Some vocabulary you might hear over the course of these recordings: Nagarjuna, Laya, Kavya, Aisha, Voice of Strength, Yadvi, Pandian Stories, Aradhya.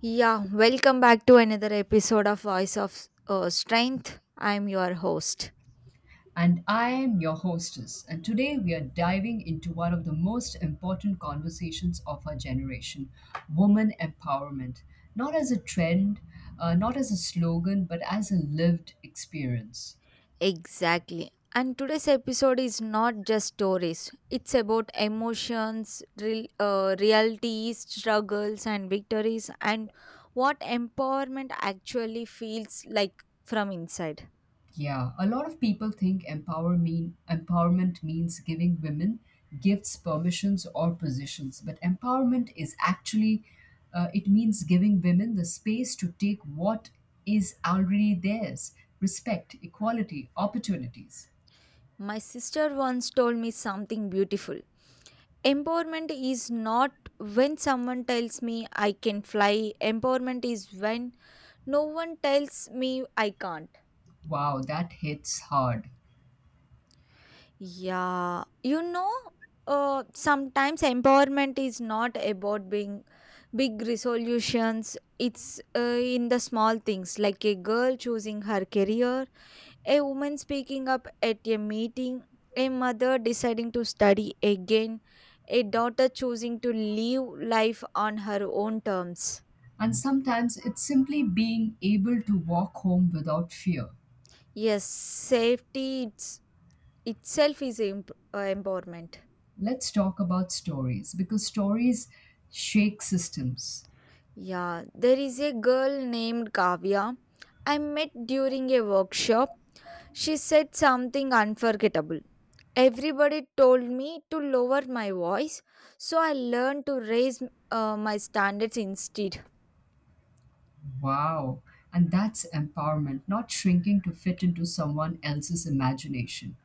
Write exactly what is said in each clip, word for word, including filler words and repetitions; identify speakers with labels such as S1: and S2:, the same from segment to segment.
S1: Yeah, welcome back to another episode of Voice of uh, Strength. I'm your host.
S2: And I am your hostess, and today we are diving into one of the most important conversations of our generation, woman empowerment. Not as a trend, uh, not as a slogan, but as a lived experience.
S1: Exactly. And today's episode is not just stories, it's about emotions, real, uh, realities, struggles, and victories, and what empowerment actually feels like from inside.
S2: Yeah, a lot of people think empower mean empowerment means giving women gifts, permissions, or positions. But empowerment is actually, uh, it means giving women the space to take what is already theirs: respect, equality, opportunities.
S1: My sister once told me something beautiful. Empowerment is not when someone tells me I can fly, empowerment is when no one tells me I can't.
S2: Wow, that hits hard.
S1: Yeah, you know, uh, sometimes empowerment is not about being big resolutions. It's uh, in the small things, like a girl choosing her career, a woman speaking up at a meeting, a mother deciding to study again, a daughter choosing to live life on her own terms.
S2: And sometimes it's simply being able to walk home without fear.
S1: Yes, safety it's, itself is imp- uh, empowerment.
S2: Let's talk about stories because stories shake systems.
S1: Yeah, there is a girl named Kavya I met during a workshop. She said something unforgettable. Everybody told me to lower my voice, so I learned to raise uh, my standards instead.
S2: Wow. And that's empowerment, not shrinking to fit into someone else's imagination.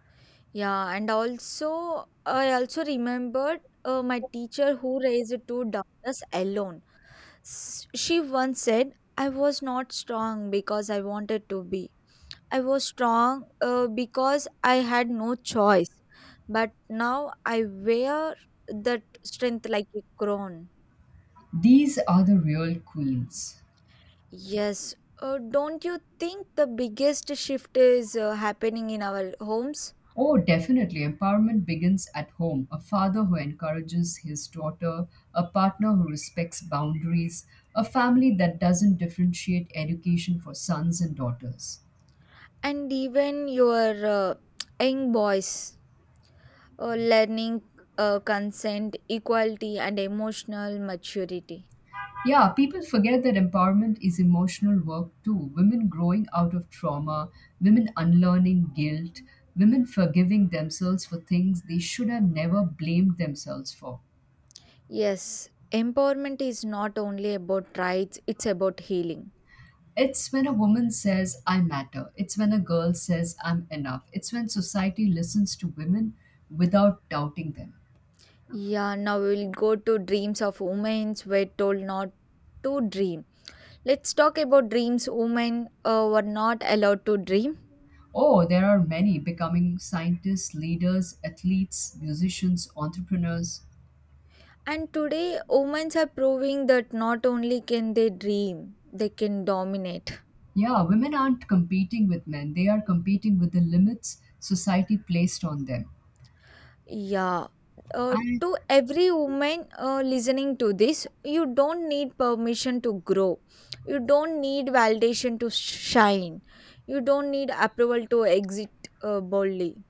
S1: Yeah, and also I also remembered uh, my teacher who raised two daughters alone. S- she once said, "I was not strong because I wanted to be. I was strong uh, because I had no choice. But now I wear that strength like a crown."
S2: These are the real queens.
S1: Yes. Uh, don't you think the biggest shift is uh, happening in our homes?
S2: Oh, definitely. Empowerment begins at home. A father who encourages his daughter, a partner who respects boundaries, a family that doesn't differentiate education for sons and daughters.
S1: And even your uh, young boys uh, learning uh, consent, equality, and emotional maturity.
S2: Yeah, people forget that empowerment is emotional work too. Women growing out of trauma, women unlearning guilt, women forgiving themselves for things they should have never blamed themselves for.
S1: Yes, empowerment is not only about rights, it's about healing.
S2: It's when a woman says, I matter. It's when a girl says, I'm enough. It's when society listens to women without doubting them.
S1: Yeah, now we'll go to dreams of women were told not to dream. Let's talk about dreams women uh, were not allowed to dream.
S2: Oh, there are many becoming scientists, leaders, athletes, musicians, entrepreneurs.
S1: And today, women are proving that not only can they dream, they can dominate.
S2: Yeah, women aren't competing with men. They are competing with the limits society placed on them.
S1: Yeah. Uh,
S2: And
S1: to every woman uh, listening to this, you don't need permission to grow. You don't need validation to shine. You don't need approval to exit uh, boldly.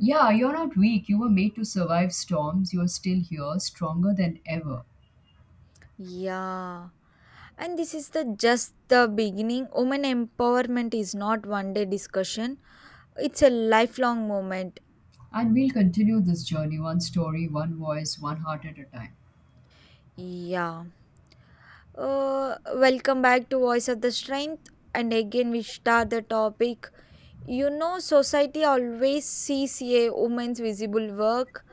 S2: yeah, you're not weak. You were made to survive storms. You're still here, stronger than ever.
S1: Yeah. And this is the just the beginning. Women empowerment is not one day discussion. It's a lifelong moment.
S2: And we'll continue this journey one story, one voice, one heart at a time.
S1: Yeah. Uh, welcome back to Voice of the Strength. And again, we start the topic. You know, society always sees a woman's visible work,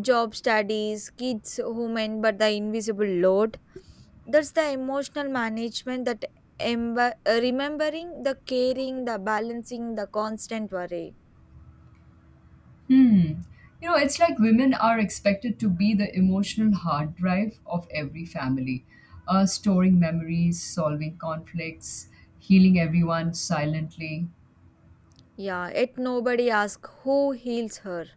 S1: job studies, kids, women, but the invisible load. That's the emotional management that emb- remembering the caring, the balancing, the constant worry.
S2: Hmm. You know, it's like women are expected to be the emotional hard drive of every family, uh, storing memories, solving conflicts, healing everyone silently.
S1: Yeah, yet nobody asks who heals her.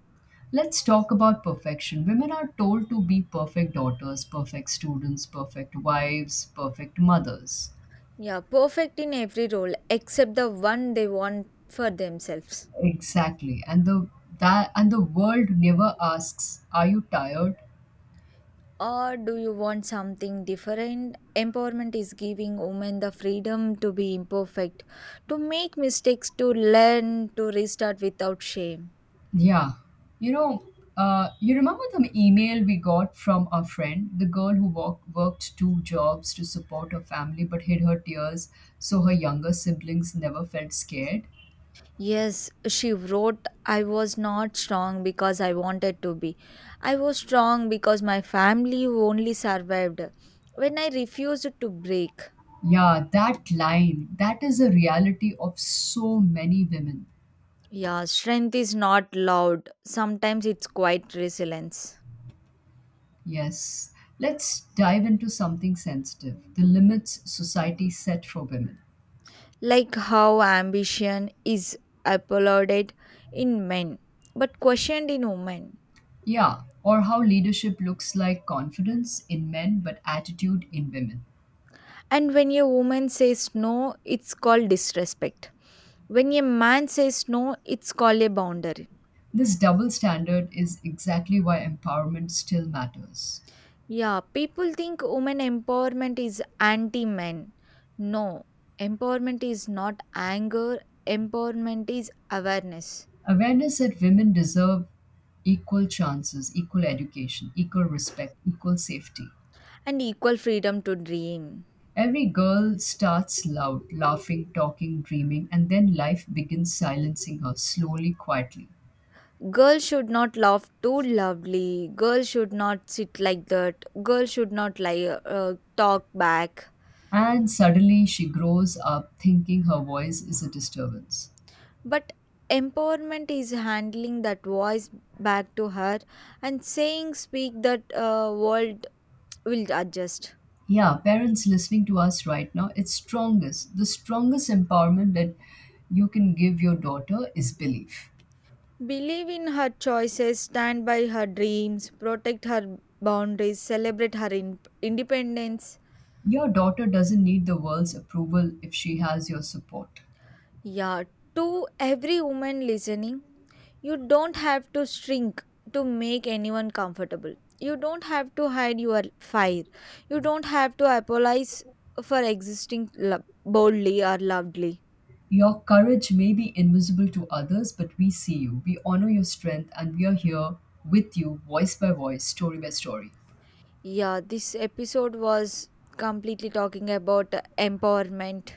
S2: Let's talk about perfection. Women are told to be perfect daughters, perfect students, perfect wives, perfect mothers.
S1: Yeah, perfect in every role except the one they want for themselves.
S2: Exactly. And the that and the world never asks, "Are you tired?"
S1: Or do you want something different? Empowerment is giving women the freedom to be imperfect, to make mistakes, to learn, to restart without shame.
S2: Yeah. You know, uh, you remember the email we got from our friend, the girl who walk, worked two jobs to support her family but hid her tears so her younger siblings never felt scared?
S1: Yes, she wrote, "I was not strong because I wanted to be. I was strong because my family only survived when I refused to break."
S2: Yeah, that line, that is a reality of so many women.
S1: Yeah, strength is not loud. Sometimes it's quite resilience.
S2: Yes. Let's dive into something sensitive, the limits society set for women.
S1: Like how ambition is applauded in men but questioned in women.
S2: Yeah, or how leadership looks like confidence in men but attitude in women.
S1: And when a woman says no, it's called disrespect. When a man says no, it's called a boundary.
S2: This double standard is exactly why empowerment still matters.
S1: Yeah, people think women empowerment is anti men. No, empowerment is not anger, empowerment is awareness.
S2: Awareness that women deserve equal chances, equal education, equal respect, equal safety.
S1: And equal freedom to dream.
S2: Every girl starts loud, laughing, talking, dreaming, and then life begins silencing her slowly, quietly.
S1: Girls should not laugh too loudly. Girls should not sit like that. Girls should not lie, uh, talk back.
S2: And suddenly she grows up thinking her voice is a disturbance.
S1: But empowerment is handling that voice back to her and saying, "Speak that uh, world will adjust."
S2: Yeah, parents listening to us right now, it's strongest. The strongest empowerment that you can give your daughter is belief.
S1: Believe in her choices. Stand by her dreams. Protect her boundaries. Celebrate her in- independence.
S2: Your daughter doesn't need the world's approval if she has your support.
S1: Yeah, to every woman listening, you don't have to shrink to make anyone comfortable. You don't have to hide your fire. You don't have to apologize for existing lo- boldly or loudly.
S2: Your courage may be invisible to others, but we see you. We honor your strength and we are here with you, voice by voice, story by story.
S1: Yeah, this episode was completely talking about empowerment,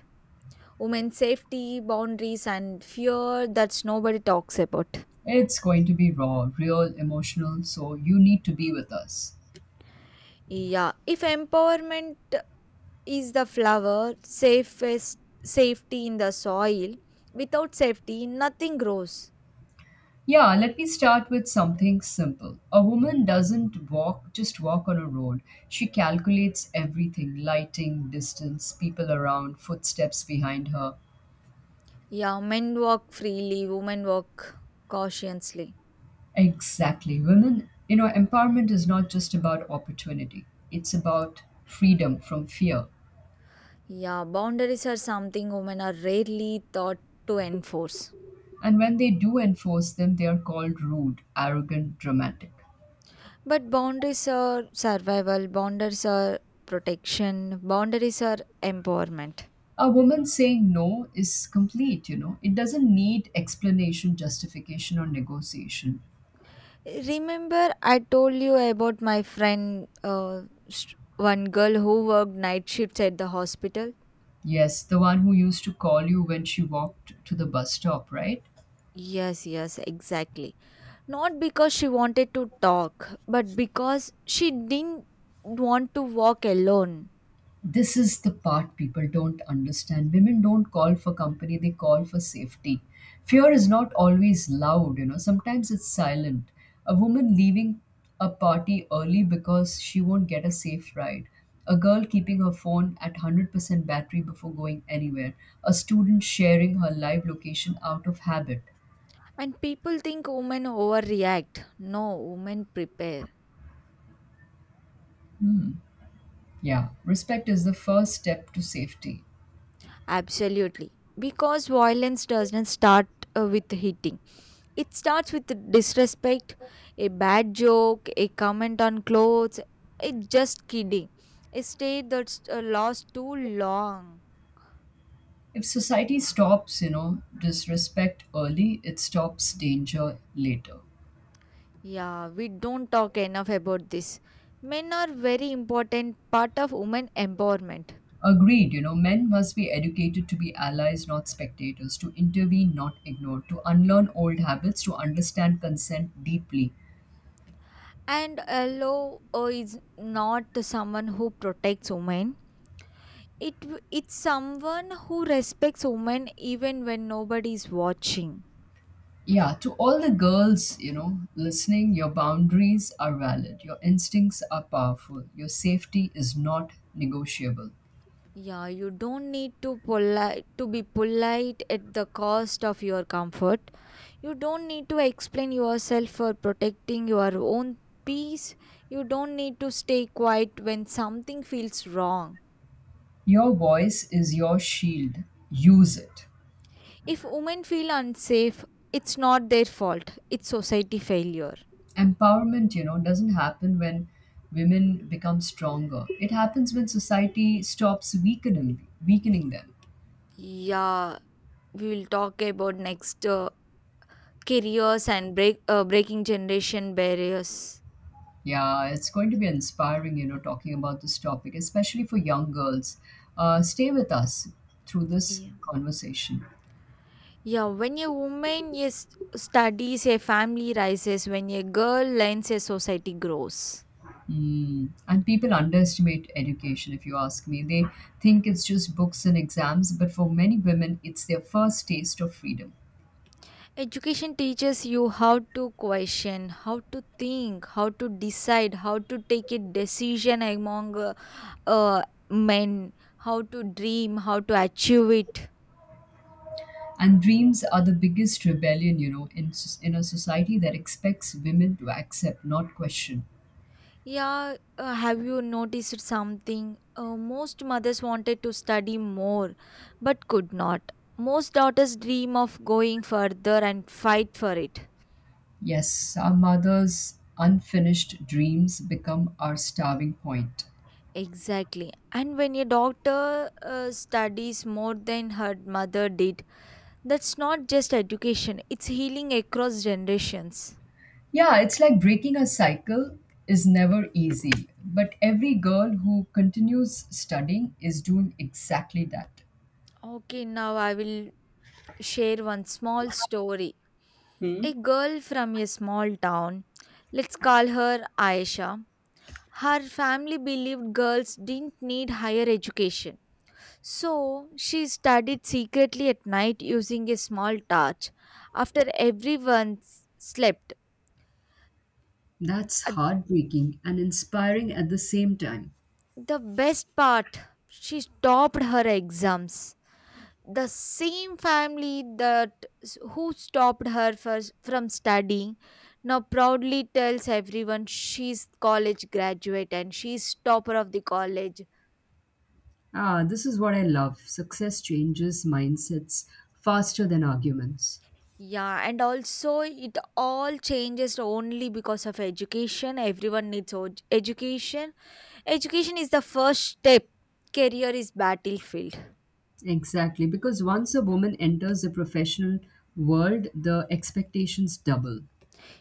S1: women's safety, boundaries, and fear that's nobody talks about.
S2: It's going to be raw, real, emotional, so you need to be with us.
S1: Yeah, if empowerment is the flower safest, safety in the soil, without safety nothing grows.
S2: Yeah, let me start with something simple. A woman doesn't walk, just walk on a road. She calculates everything, lighting, distance, people around, footsteps behind her.
S1: Yeah, men walk freely, women walk cautiously.
S2: Exactly. Women, you know, empowerment is not just about opportunity, it's about freedom from fear.
S1: Yeah, boundaries are something women are rarely taught to enforce,
S2: And when they do enforce them, they are called rude, arrogant, dramatic.
S1: but boundaries are survival, boundaries are protection, boundaries are empowerment.
S2: A woman saying no is complete, you know. It doesn't need explanation, justification, or negotiation.
S1: Remember I told you about my friend, uh, sh- one girl who worked night shifts at the hospital.
S2: Yes, the one who used to call you when she walked to the bus stop, right?
S1: Yes, yes, exactly. Not because she wanted to talk, but because she didn't want to walk alone.
S2: This is the part people don't understand. Women don't call for company, they call for safety. Fear is not always loud, you know, sometimes it's silent. A woman leaving a party early because she won't get a safe ride. A girl keeping her phone at one hundred percent battery before going anywhere. A student sharing her live location out of habit.
S1: And people think women overreact. No, women prepare.
S2: Yeah, respect is the first step to safety.
S1: Absolutely. Because violence doesn't start uh, with hitting, it starts with disrespect, a bad joke, a comment on clothes, a just kidding, a state that's uh, lost too long.
S2: If society stops, you know, disrespect early, it stops danger later.
S1: Yeah, we don't talk enough about this. Men are very important part of women empowerment.
S2: Agreed, you know, men must be educated to be allies, not spectators, to intervene, not ignore, to unlearn old habits, to understand consent deeply.
S1: And a law uh, is not someone who protects women. It w- it's someone who respects women even when nobody is watching.
S2: Yeah, to all the girls, you know, listening, your boundaries are valid, your instincts are powerful, your safety is not negotiable.
S1: Yeah, you don't need to polite to be polite at the cost of your comfort. You don't need to explain yourself for protecting your own peace. You don't need to stay quiet when something feels wrong.
S2: Your voice is your shield. Use it.
S1: If women feel unsafe, it's not their fault, it's society failure.
S2: Empowerment, you know, doesn't happen when women become stronger. It happens when society stops weakening weakening them.
S1: Yeah, we will talk about next uh, careers and break, uh, breaking generation barriers.
S2: Yeah, it's going to be inspiring, you know, talking about this topic, especially for young girls. Uh, stay with us through this
S1: Yeah.
S2: conversation.
S1: Yeah, when a woman is studies, a family rises. When a girl learns, a society grows.
S2: Mm. And people underestimate education, if you ask me. They think it's just books and exams, but for many women, it's their first taste of freedom.
S1: Education teaches you how to question, how to think, how to decide, how to take a decision among uh, uh, men, how to dream, how to achieve it.
S2: And dreams are the biggest rebellion, you know, in, s- in a society that expects women to accept, not question.
S1: Yeah, uh, have you noticed something? Uh, most mothers wanted to study more but could not. Most daughters dream of going further and fight for it.
S2: Yes, our mother's unfinished dreams become our starving point.
S1: Exactly. And when a doctor uh, studies more than her mother did, that's not just education, it's healing across generations.
S2: Yeah, it's like breaking a cycle is never easy, but every girl who continues studying is doing exactly that.
S1: Okay, now I will share one small story. A girl from a small town, let's call her Aisha. Her family believed girls didn't need higher education. So she studied secretly at night using a small torch after everyone s- slept.
S2: That's
S1: Uh,
S2: heartbreaking and inspiring at the same time.
S1: The best part, she topped her exams. The same family that s- who stopped her for, from studying now proudly tells everyone she's college graduate and she's topper of the college.
S2: Ah, this is what I love. Success changes mindsets faster than arguments.
S1: Yeah, and also it all changes only because of education, everyone needs o- education. Education is the first step, career is battlefield.
S2: Exactly, because once a woman enters the professional world, the expectations double.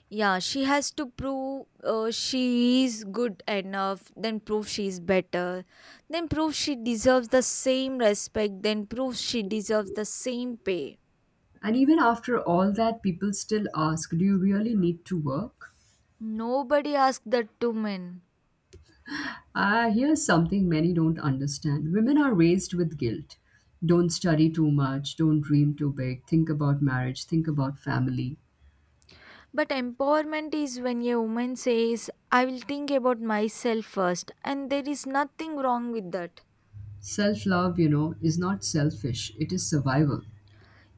S1: Yeah, she has to prove uh, she is good enough, then prove she is better, then prove she deserves the same respect, then prove she deserves the same pay.
S2: And even after all that, people still ask, "Do you really need to work?"
S1: Nobody asked that to men.
S2: Ah, here's something many don't understand, women are raised with guilt. Don't study too much, don't dream too big, think about marriage, think about family.
S1: But empowerment is when a woman says, "I will think about myself first," and there is nothing wrong with that.
S2: Self love, you know, is not selfish, it is survival.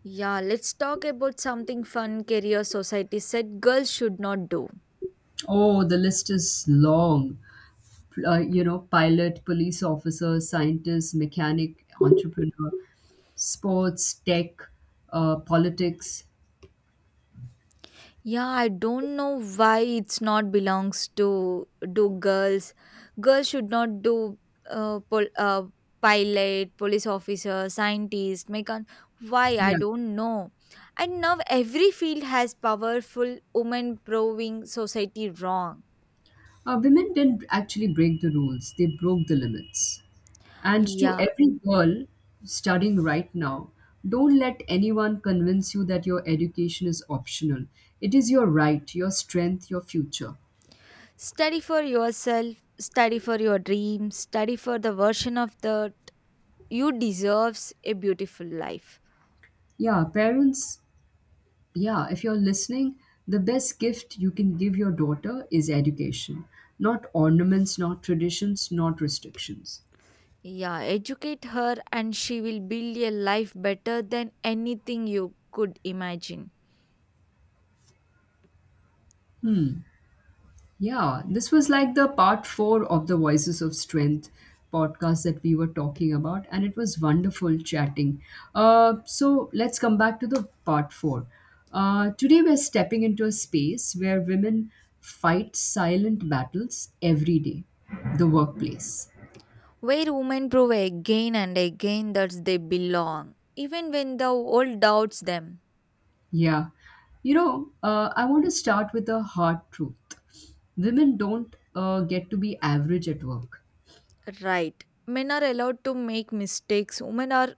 S1: Yeah, let's talk about something fun career society said girls should not do.
S2: Oh, the list is long. Uh, you know, pilot, police officer, scientist, mechanic, entrepreneur. Sports, tech, uh, politics.
S1: Yeah, I don't know why it's not belongs to do girls. Girls should not do uh, pol- uh pilot, police officer, scientist, mechan. Why I
S2: Yeah.
S1: don't know. And now every field has powerful women proving society wrong.
S2: Uh, women didn't actually break the rules, they broke the limits. And to
S1: Yeah,
S2: every girl studying right now, don't let anyone convince you that your education is optional. It is your right, your strength, your future.
S1: study for yourself, study for your dreams, study for the version of that you deserves a beautiful life.
S2: Yeah, parents, yeah, if you're listening, the best gift you can give your daughter is education, not ornaments, not traditions, not restrictions.
S1: Yeah, educate her and she will build a life better than anything you could imagine.
S2: Yeah, this was like the part four of the Voices of Strength podcast that we were talking about, and it was wonderful chatting. Uh, so let's come back to the part four. Uh, today, we're stepping into a space where women fight silent battles every day, the workplace.
S1: Where women prove again and again that they belong, even when the world doubts them.
S2: Yeah. You know, uh, I want to start with a hard truth, women don't uh, get to be average at work.
S1: Right. Men are allowed to make mistakes, women are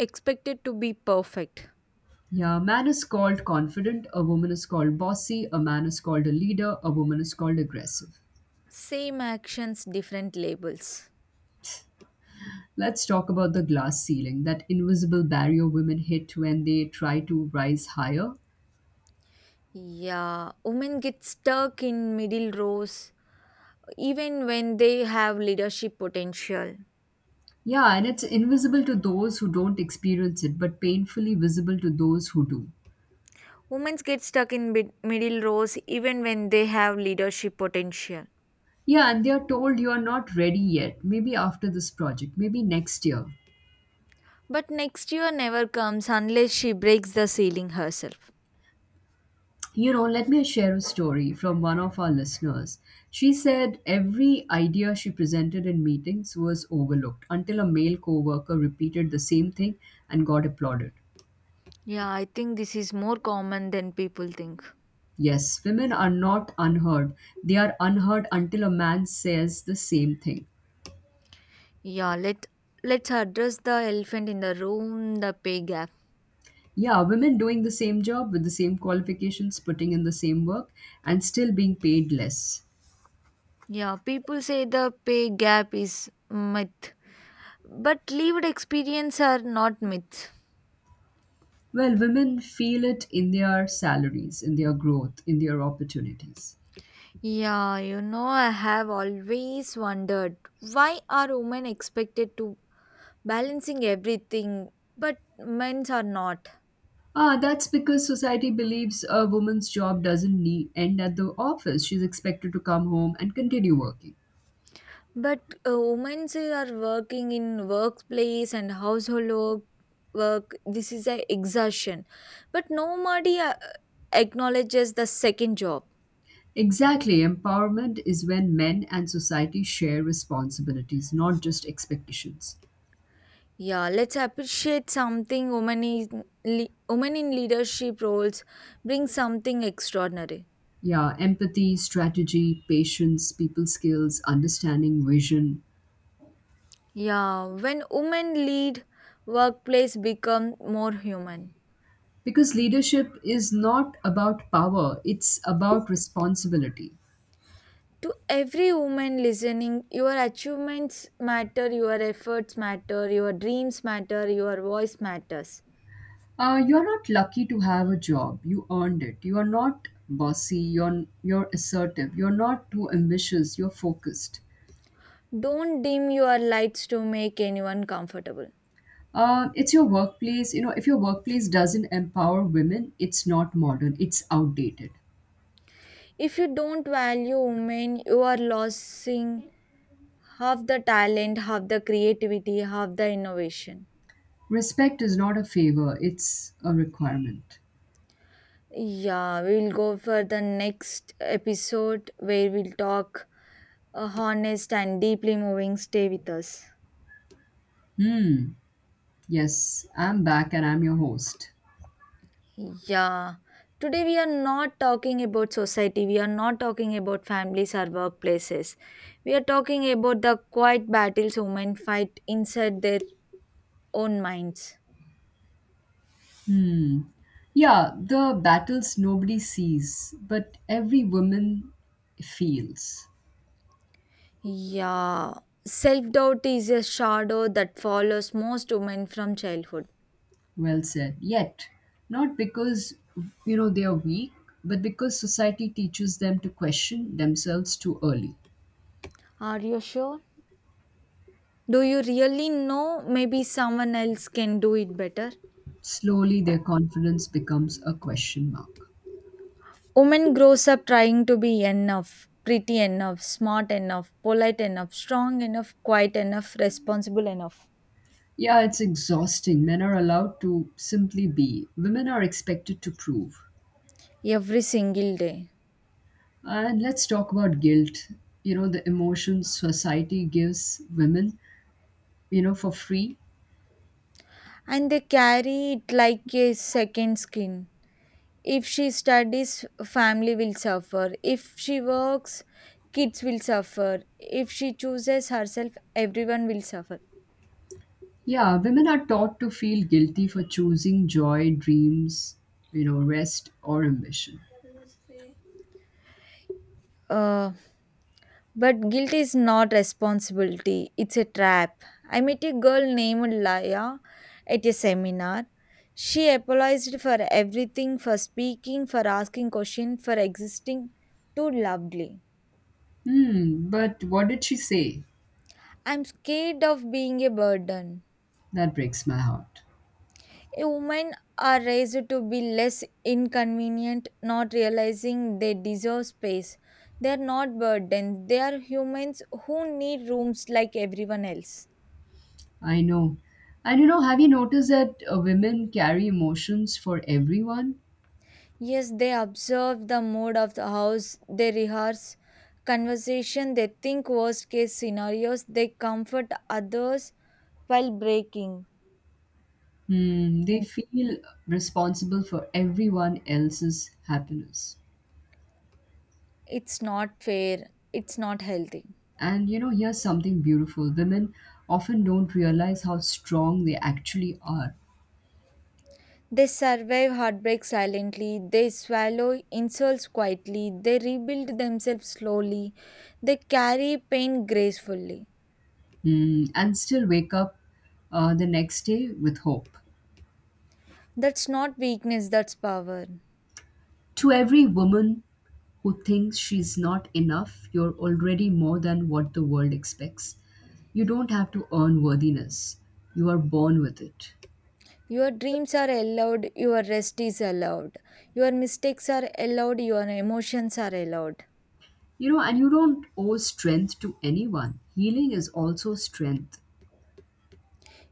S1: expected to be perfect.
S2: Yeah, a man is called confident, a woman is called bossy, a man is called a leader, a woman is called aggressive.
S1: Same actions, different labels.
S2: Let's talk about the glass ceiling, that invisible barrier women hit when they try to rise higher.
S1: Yeah, women get stuck in middle rows even when they have leadership potential.
S2: Yeah, and it's invisible to those who don't experience it, but painfully visible to those who do.
S1: Women get stuck in mid- middle rows even when they have leadership potential.
S2: Yeah, and they are told you are not ready yet, maybe after this project, maybe next year.
S1: But next year never comes unless she breaks the ceiling herself.
S2: You know, let me share a story from one of our listeners. She said every idea she presented in meetings was overlooked until a male coworker repeated the same thing and got applauded.
S1: Yeah, I think this is more common than people think.
S2: Yes, women are not unheard. They are unheard until a man says the same thing.
S1: Yeah, let let's address the elephant in the room, the pay gap.
S2: Yeah, women doing the same job with the same qualifications, putting in the same work, and still being paid less.
S1: Yeah, people say the pay gap is myth, but lived experience are not myths.
S2: Well, women feel it in their salaries, in their growth, in their opportunities.
S1: Yeah, you know, I have always wondered why are women expected to balancing everything but men's are not.
S2: Ah, that's because society believes a woman's job doesn't need, end at the office. She's expected to come home and continue working.
S1: But uh, Women's are working in workplace and household work, work this is a exhaustion but nobody uh, acknowledges the second job.
S2: Exactly. Empowerment is when men and society share responsibilities, not just expectations.
S1: Yeah, let's appreciate something, women in, le- women in leadership roles bring something extraordinary.
S2: Yeah, empathy, strategy, patience, people skills, understanding, vision.
S1: Yeah, when women lead, workplace become more human.
S2: Because leadership is not about power, it's about responsibility.
S1: To every woman listening, your achievements matter, your efforts matter, your dreams matter, your voice matters.
S2: Uh, you're not lucky to have a job. You earned it. You are not bossy. You're you're assertive. You're not too ambitious. You're focused.
S1: Don't dim your lights to make anyone comfortable.
S2: Uh, it's your workplace. You know, if your workplace doesn't empower women, it's not modern. It's outdated.
S1: If you don't value women, you are losing half the talent, half the creativity, half the innovation.
S2: Respect is not a favor. It's a requirement.
S1: Yeah, we'll go for the next episode where we'll talk a honest and deeply moving. Stay with us.
S2: Hmm. Yes, I'm back and I'm your host.
S1: Yeah. Today we are not talking about society, we are not talking about families or workplaces. We are talking about the quiet battles women fight inside their own minds.
S2: Yeah, the battles nobody sees, but every woman feels.
S1: Yeah. Self doubt is a shadow that follows most women from childhood.
S2: Well said. Yet, not because you know they are weak, but because society teaches them to question themselves too early.
S1: Are you sure? Do you really know maybe someone else can do it better?
S2: Slowly, their confidence becomes a question mark.
S1: Woman grows up trying to be enough, pretty enough, smart enough, polite enough, strong enough, quiet enough, responsible enough
S2: Yeah, it's exhausting. Men are allowed to simply be, women are expected to prove.
S1: every single day.
S2: And let's talk about guilt. You know, the emotions society gives women, you know, for free.
S1: And they carry it like a second skin. If she studies, family will suffer. If she works, kids will suffer. If she chooses herself, everyone will suffer.
S2: Yeah, women are taught to feel guilty for choosing joy, dreams, you know, rest, or ambition.
S1: Uh, But guilt is not responsibility, it's a trap. I met a girl named Laya at a seminar. She apologized for everything for speaking, for asking questions, for existing too loudly.
S2: Hmm, but what did she say?
S1: "I'm scared of being a burden."
S2: That breaks my heart.
S1: A woman are raised to be less inconvenient, not realizing they deserve space. They are not burdens, they are humans who need rooms like everyone else.
S2: I know. And you know, have you noticed that, uh, women carry emotions for everyone?
S1: Yes, they observe the mood of the house, they rehearse conversation, they think worst case scenarios, they comfort others while breaking.
S2: Hmm, they
S1: It's
S2: feel responsible for everyone else's happiness.
S1: it's not fair, it's not healthy.
S2: And you know, here's something beautiful. Women often don't realize how strong they actually are.
S1: They survive heartbreak silently, they swallow insults quietly, they rebuild themselves slowly, they carry pain gracefully.
S2: Hmm, and still wake up uh, the next day with hope.
S1: That's not weakness, that's power.
S2: To every woman who thinks she's not enough, you're already more than what the world expects. You don't have to earn worthiness, you are born with it.
S1: Your dreams are allowed, your rest is allowed. Your mistakes are allowed, your emotions are allowed.
S2: You know, and you don't owe strength to anyone. Healing is also strength.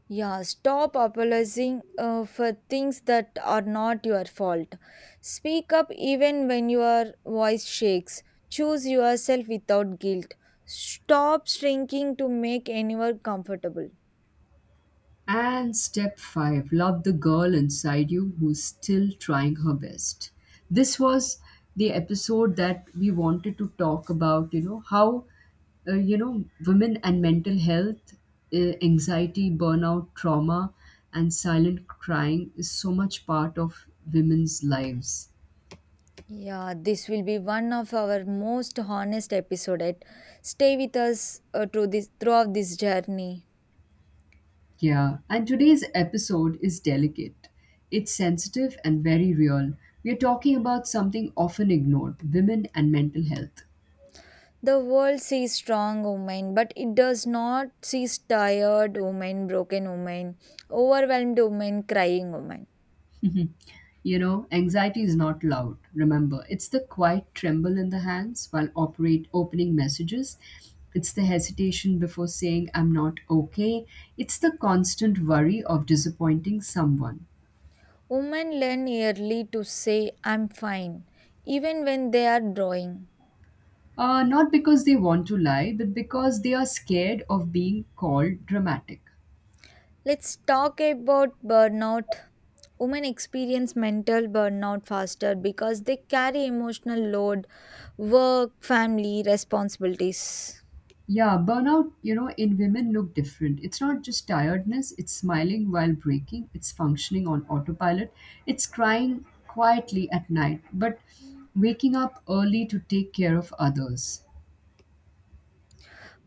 S1: Yeah, stop apologizing uh, for things that are not your fault. Speak up even when your voice shakes. Choose yourself without guilt. Stop shrinking to make anyone comfortable.
S2: And step five, love the girl inside you who's still trying her best. This was the episode that we wanted to talk about, you know, how, uh, you know, women and mental health, uh, anxiety, burnout, trauma, and silent crying is so much part of women's lives.
S1: Yeah, this will be one of our most honest episode. Stay with us uh, through this throughout this journey.
S2: Yeah. And today's episode is delicate. It's sensitive and very real. We are talking about something often ignored, women and mental health.
S1: The world sees strong women, but it does not see tired women, broken women, overwhelmed women, crying women.
S2: You know, anxiety is not loud. Remember, it's the quiet tremble in the hands while operate opening messages. It's the hesitation before saying I'm not okay. It's the constant worry of disappointing someone.
S1: Women learn early to say, "I'm fine," even when they are drawing.
S2: Uh, not because they want to lie, but because they are scared of being called dramatic.
S1: Let's talk about burnout. Women experience mental burnout faster because they carry emotional load, work, family, responsibilities.
S2: Yeah, burnout, you know, in women look different. It's not just tiredness, it's smiling while breaking, it's functioning on autopilot, it's crying quietly at night, but waking up early to take care of others.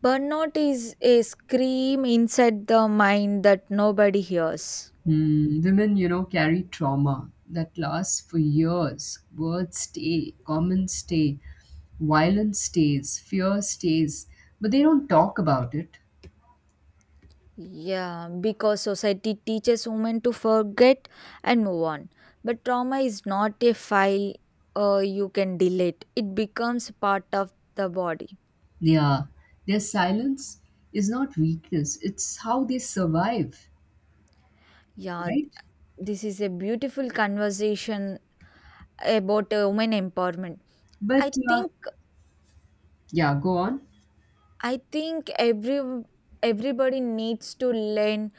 S1: Burnout is a scream inside the mind that nobody hears.
S2: Hmm, women, you know, carry trauma that lasts for years. Words stay, comments stay, violence stays, fear stays, but they don't talk about it.
S1: Yeah, because society teaches women to forget and move on. But trauma is not a file uh, you can delete, it becomes part of the body.
S2: Yeah, their silence is not weakness, it's how they survive.
S1: Yeah,
S2: Right?
S1: this is a beautiful conversation about uh, women empowerment. I
S2: But uh,
S1: think
S2: yeah, go on.
S1: I think every everybody needs to learn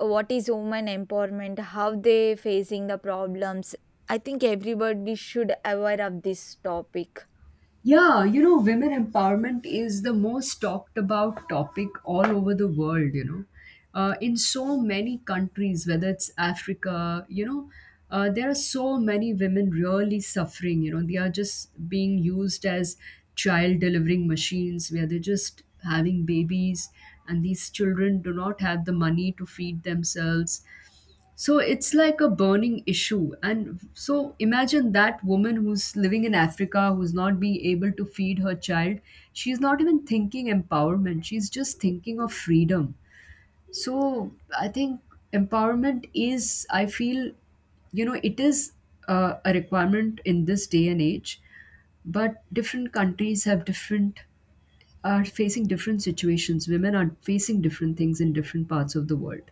S1: what is women empowerment, how they facing the problems. I think everybody should aware of this topic.
S2: Yeah, you know, women empowerment is the most talked about topic all over the world, you know. Uh, in so many countries, whether it's Africa, you know, uh, there are so many women really suffering, you know, they are just being used as child delivering machines where they're just having babies, and these children do not have the money to feed themselves. So it's like a burning issue. And so imagine that woman who's living in Africa, who's not being able to feed her child. She's not even thinking empowerment, she's just thinking of freedom. So I think empowerment is, I feel, you know, it is uh, a requirement in this day and age, but different countries have different, are facing different situations. Women are facing different things in different parts of the world.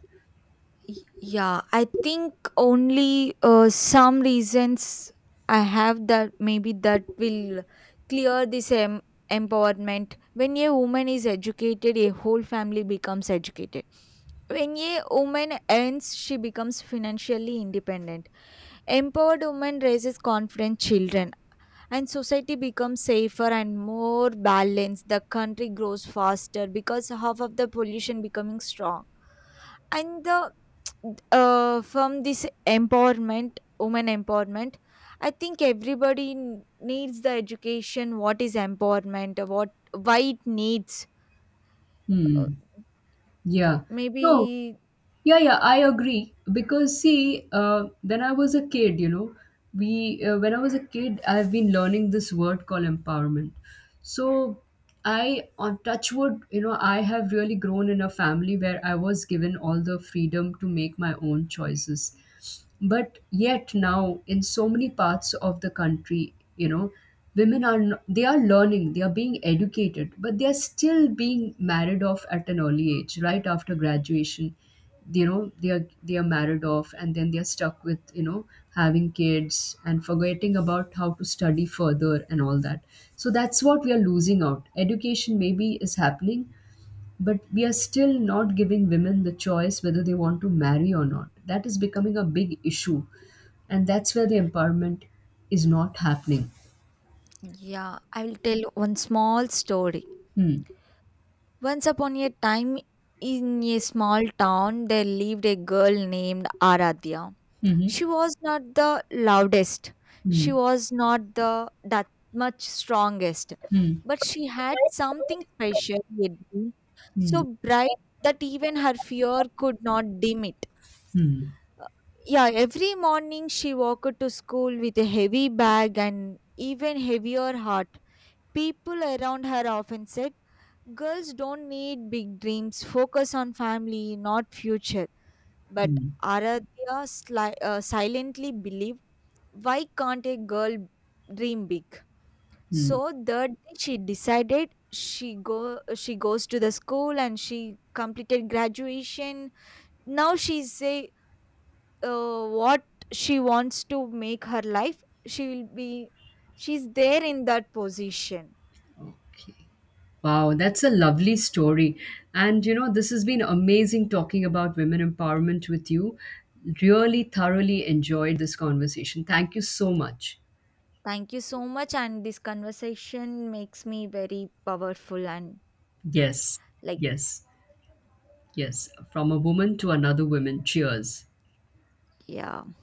S1: Y- Yeah, I think only uh, some reasons I have that maybe that will clear this em- empowerment. When a woman is educated, a whole family becomes educated. When a woman earns, she becomes financially independent. Empowered woman raises confident children, and society becomes safer and more balanced. The country grows faster because half of the pollution becoming strong and the uh, from this empowerment women empowerment, I think everybody n- needs the education, what is empowerment, uh, what why it needs.
S2: Hmm.
S1: Uh,
S2: Yeah. No,
S1: maybe
S2: Yeah, yeah, I agree. Because see, uh, when I was a kid, you know, we uh, when I was a kid, I've been learning this word called empowerment. So I, on touchwood, you know, I have really grown in a family where I was given all the freedom to make my own choices. But yet now, in so many parts of the country, you know, women are n- they are learning, they are being educated, but they are still being married off at an early age right after graduation. You know, they are they are married off, and then they are stuck with, you know, having kids and forgetting about how to study further and all that. So that's what we are losing out. Education maybe is happening, but we are still not giving women the choice whether they want to marry or not. That is becoming a big issue, and that's where the empowerment is not happening.
S1: Yeah, I will tell one small story.
S2: Hmm.
S1: Once upon a time in a small town there lived a girl named Aradhya.
S2: Hmm.
S1: She was not the loudest, she
S2: Hmm.
S1: was not the that much strongest,
S2: Hmm.
S1: but she had something special, Yadvi, so
S2: Hmm.
S1: bright that even her fear could not dim it.
S2: Hmm.
S1: Yeah, every morning she walked to school with a heavy bag and even heavier heart. People around her often said, "Girls don't need big dreams, focus on family not future." But
S2: Hmm.
S1: Aradhya sli- uh, silently believed, why can't a girl dream big?
S2: Hmm.
S1: So that day she decided she go she goes to the school and she completed graduation. Now she say, uh, what she wants to make her life she will be, she's there in that position.
S2: Okay. Wow, that's a lovely story. And you know, this has been amazing talking about women empowerment with you. Really thoroughly enjoyed this conversation. Thank you so much.
S1: Thank you so much, and this conversation makes me very powerful and
S2: Yes.
S1: like,
S2: Yes. Yes, from a woman to another woman. Cheers.
S1: yeah.